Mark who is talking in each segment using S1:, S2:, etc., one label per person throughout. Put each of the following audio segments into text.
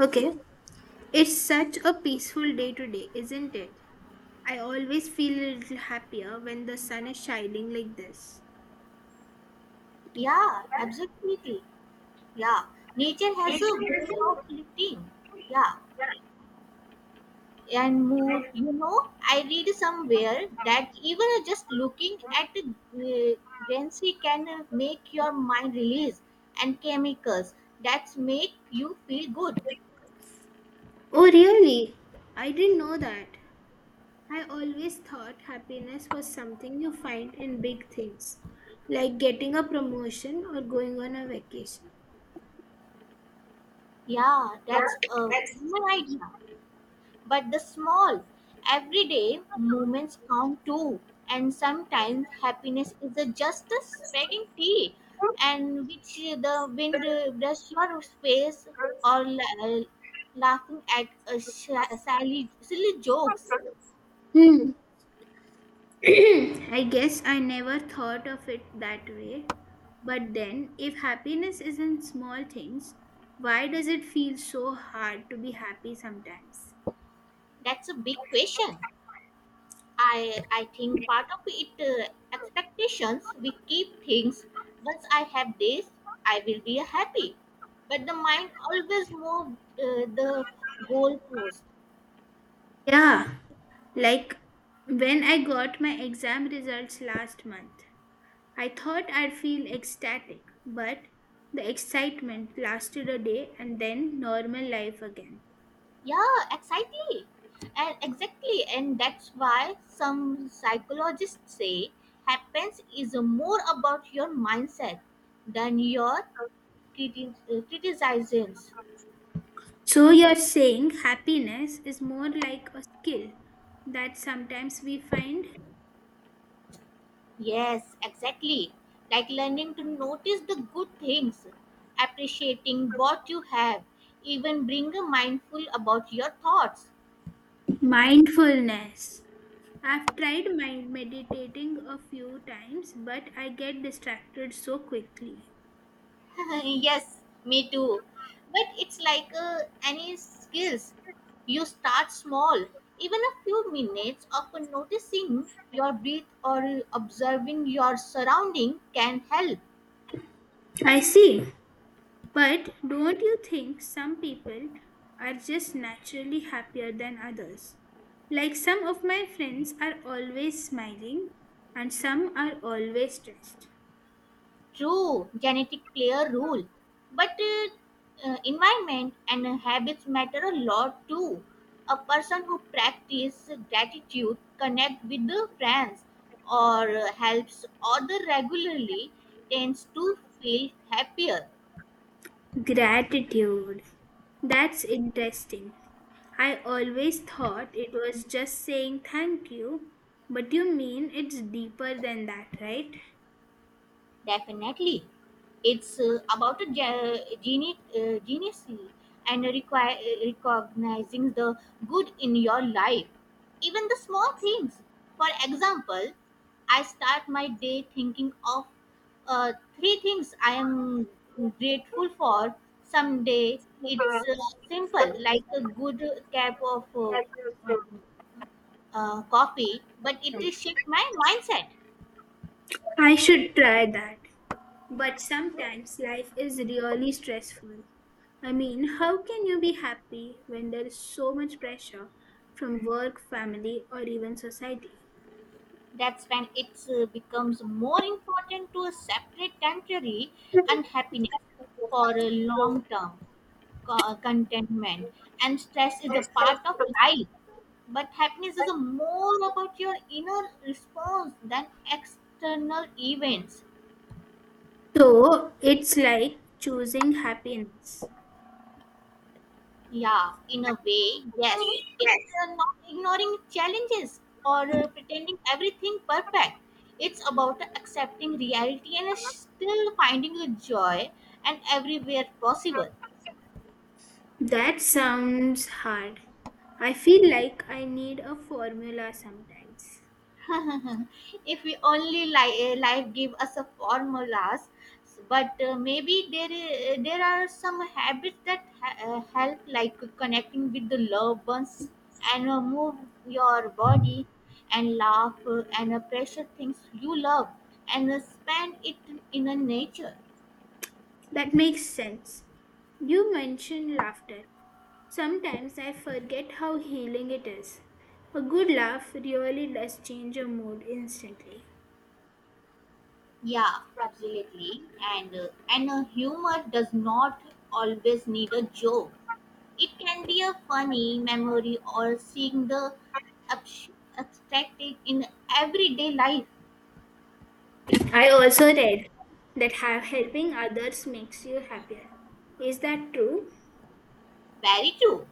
S1: Okay, it's such a peaceful day today, isn't it? I always feel a little happier when the sun is shining like this.
S2: Yeah, absolutely. Yeah, nature has a way of lifting. Yeah, and mood. I read somewhere that even just looking at the greenery can make your mind release and chemicals that make you feel good.
S1: Oh, really? I didn't know that. I always thought happiness was something you find in big things, like getting a promotion or going on a vacation.
S2: Yeah, that's a good idea. But the small, everyday moments count too. And sometimes happiness is a just a spreading tea, and which the wind brush your face or laughing at a silly jokes.
S1: Hmm. I guess I never thought of it that way. But then, if happiness is in small things, why does it feel so hard to be happy sometimes?
S2: That's a big question. I think part of it expectations. We keep things. Once I have this, I will be happy. But the mind always moves the goalpost.
S1: Yeah, like when I got my exam results last month, I thought I'd feel ecstatic, but the excitement lasted a day and then normal life again.
S2: Yeah, exactly. And exactly, and that's why some psychologists say happens is more about your mindset than your criticisms.
S1: So you're saying happiness is more like a skill that sometimes we find?
S2: Yes, exactly. Like learning to notice the good things, appreciating what you have, even being mindful about your thoughts.
S1: Mindfulness. I've tried mind meditating a few times, but I get distracted so quickly.
S2: Yes, me too. But it's like any skills. You start small, even a few minutes of noticing your breath or observing your surrounding can help.
S1: I see. But don't you think some people are just naturally happier than others? Like some of my friends are always smiling and some are always stressed.
S2: True, genetic play a role, but environment and habits matter a lot too. A person who practices gratitude connect with the friends or helps other regularly tends to feel happier.
S1: Gratitude. That's interesting. I always thought it was just saying thank you, but you mean it's deeper than that, right?
S2: Definitely. It's about a genius and require, recognizing the good in your life, even the small things. For example, I start my day thinking of uh, three things I am grateful for someday. It's simple, like a good cup of coffee, but it shaped my mindset.
S1: I should try that. But sometimes life is really stressful. I mean, how can you be happy when there is so much pressure from work, family, or even society?
S2: That's when it becomes more important to separate temporary unhappiness for a long term contentment. And stress is a part of life, but happiness is a more about your inner response than external events.
S1: So it's like choosing happiness.
S2: Yeah, in a way, yes. It's not ignoring challenges or pretending everything perfect. It's about accepting reality and still finding a joy and everywhere possible.
S1: That sounds hard. I feel like I need a formula sometimes.
S2: If we only life give us a formulas, but maybe there are some habits that help, like connecting with the loved ones and move your body and laugh and appreciate things you love and spend it in a nature.
S1: That makes sense. You mentioned laughter. Sometimes I forget how healing it is. A good laugh really does change your mood instantly.
S2: Yeah, absolutely. And humor does not always need a joke. It can be a funny memory or seeing the abs- abstracted in everyday life.
S1: I also read that helping others makes you happier. Is that true?
S2: Very true.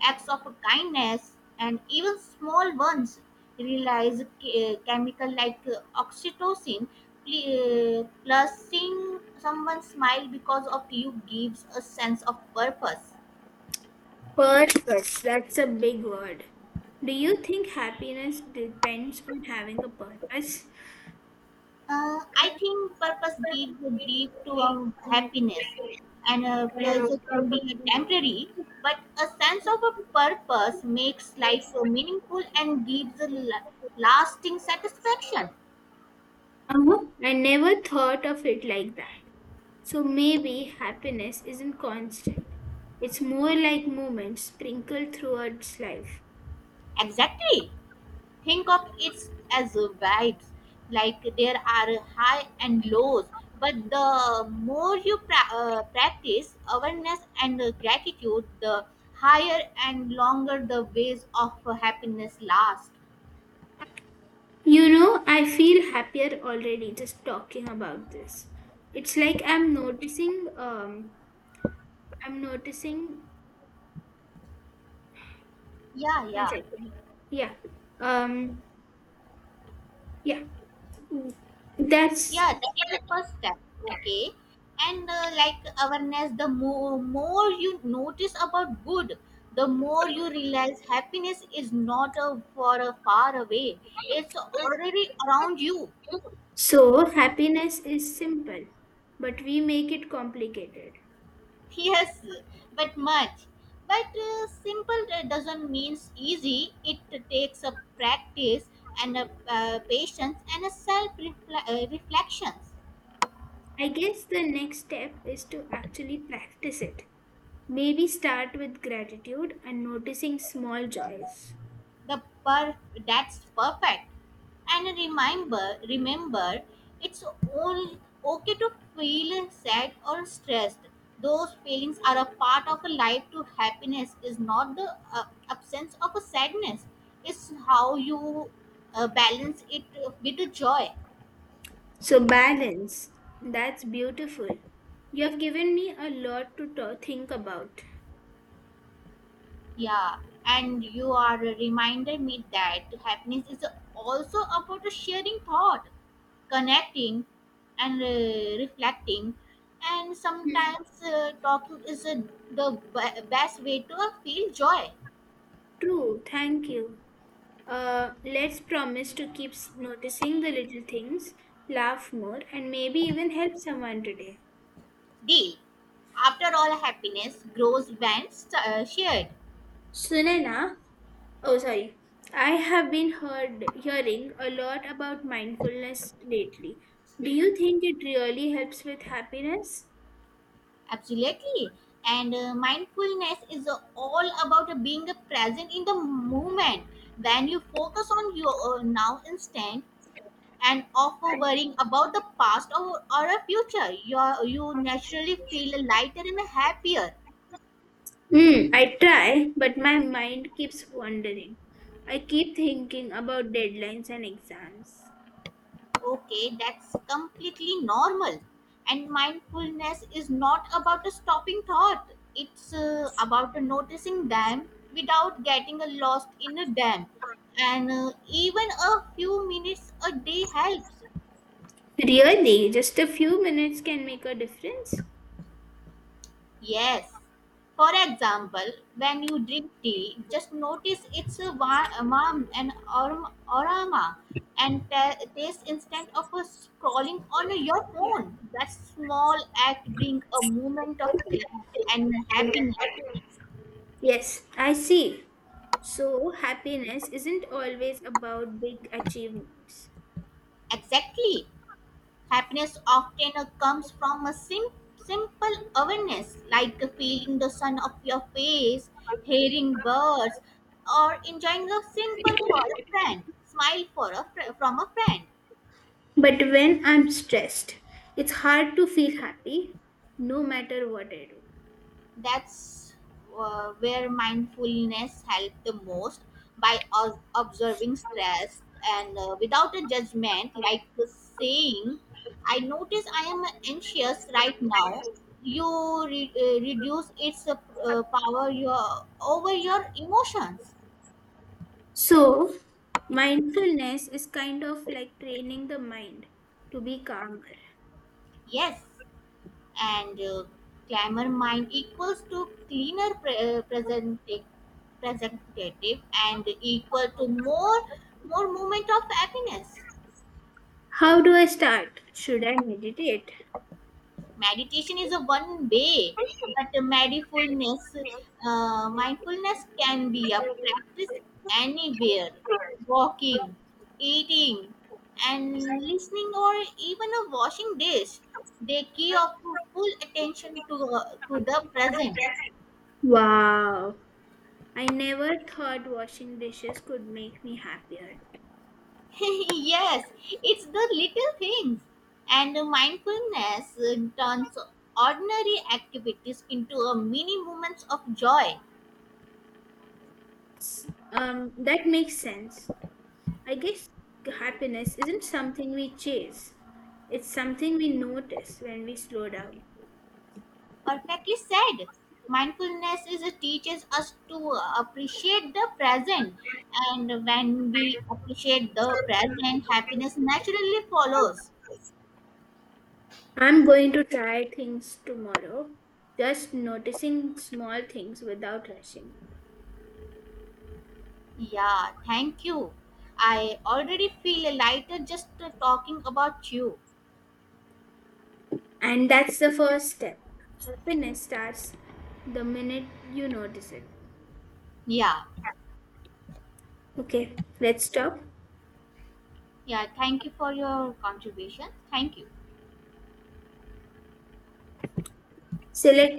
S2: Acts of kindness and even small ones release chemical like oxytocin. Plus, seeing someone smile because of you gives a sense of purpose.
S1: Purpose, that's a big word. Do you think happiness depends on having a purpose?
S2: I think purpose gives a deep to our happiness, and a pleasure can be a temporary, but a sense of a purpose makes life meaningful and gives a lasting satisfaction.
S1: I never thought of it like that. So maybe happiness isn't constant. It's more like moments sprinkled throughout life.
S2: Exactly. Think of it as a vibes, like there are high and lows, but the more you practice awareness and gratitude, the higher and longer the ways of happiness last.
S1: You know, I feel happier already just talking about this. It's like I'm noticing,
S2: Yeah,
S1: one
S2: yeah,
S1: second. Yeah, um, yeah, that's
S2: yeah. That's the first step. Okay, and like awareness, the more you notice about good, the more you realize happiness is not a for a far away. It's already around you.
S1: so happiness is simple, but we make it complicated.
S2: Yes, but much. But simple doesn't mean easy. It takes a practice and a patience and a self reflections.
S1: I guess the next step is to actually practice it. Maybe start with gratitude and noticing small joys.
S2: The per that's perfect. And remember, it's only okay to feel sad or stressed. Those feelings are a part of a life. To happiness is not the absence of a sadness. It's how you balance it with the joy.
S1: So, balance. That's beautiful. You have given me a lot to think about.
S2: Yeah, and you are reminded me that happiness is also about a sharing thought, connecting, and reflecting. And sometimes talking is the best way to feel joy.
S1: True, thank you. Let's promise to keep noticing the little things, laugh more, and maybe even help someone today.
S2: Deal. After all, happiness grows when shared.
S1: Sunena, oh sorry, I have been heard hearing a lot about mindfulness lately. Do you think it really helps with happiness?
S2: Absolutely. And mindfulness is all about being present in the moment. When you focus on your now instant and off of worrying about the past or a future, you naturally feel lighter and happier.
S1: Hmm. I try, but my mind keeps wandering. I keep thinking about deadlines and exams.
S2: Okay, that's completely normal. And mindfulness is not about a stopping thought, it's about a noticing them without getting lost in a dam. And even a few minutes a day helps.
S1: Really, just a few minutes can make a difference?
S2: Yes. For example, when you drink tea, just notice its a warm and aroma and taste instead of a scrolling on your phone. That small act brings a moment of clarity and happiness.
S1: Yes, I see. So, happiness isn't always about big achievements.
S2: Exactly. Happiness often comes from a simple awareness, like feeling the sun of your face, hearing birds, or enjoying a simple for a friend, smile for a from a friend.
S1: But when I'm stressed, it's hard to feel happy no matter what I do.
S2: That's where mindfulness helps the most, by observing stress and without a judgment, like the saying, I notice I am anxious right now. You reduce its power your over your emotions.
S1: So, mindfulness is kind of like training the mind to be calmer.
S2: Yes. And clamor mind equals to cleaner presentative and equal to more moment of happiness.
S1: How do I start? Should I meditate?
S2: Meditation is a one way, but mindfulness can be a practice anywhere, walking, eating, and listening, or even a washing dish. They key of full attention to the present.
S1: Wow, I never thought washing dishes could make me happier.
S2: Yes, it's the little things. And mindfulness turns ordinary activities into a mini moments of joy.
S1: That makes sense. I guess happiness isn't something we chase, it's something we notice when we slow down.
S2: Perfectly said. Mindfulness is it teaches us to appreciate the present, and when we appreciate the present, happiness naturally follows.
S1: I'm going to try things tomorrow, just noticing small things without rushing.
S2: Yeah, thank you. I already feel lighter just talking about you.
S1: And that's the first step. Happiness starts the minute you notice it.
S2: Yeah,
S1: Okay, let's stop.
S2: yeah. Thank you for your contribution. Thank you.
S1: Select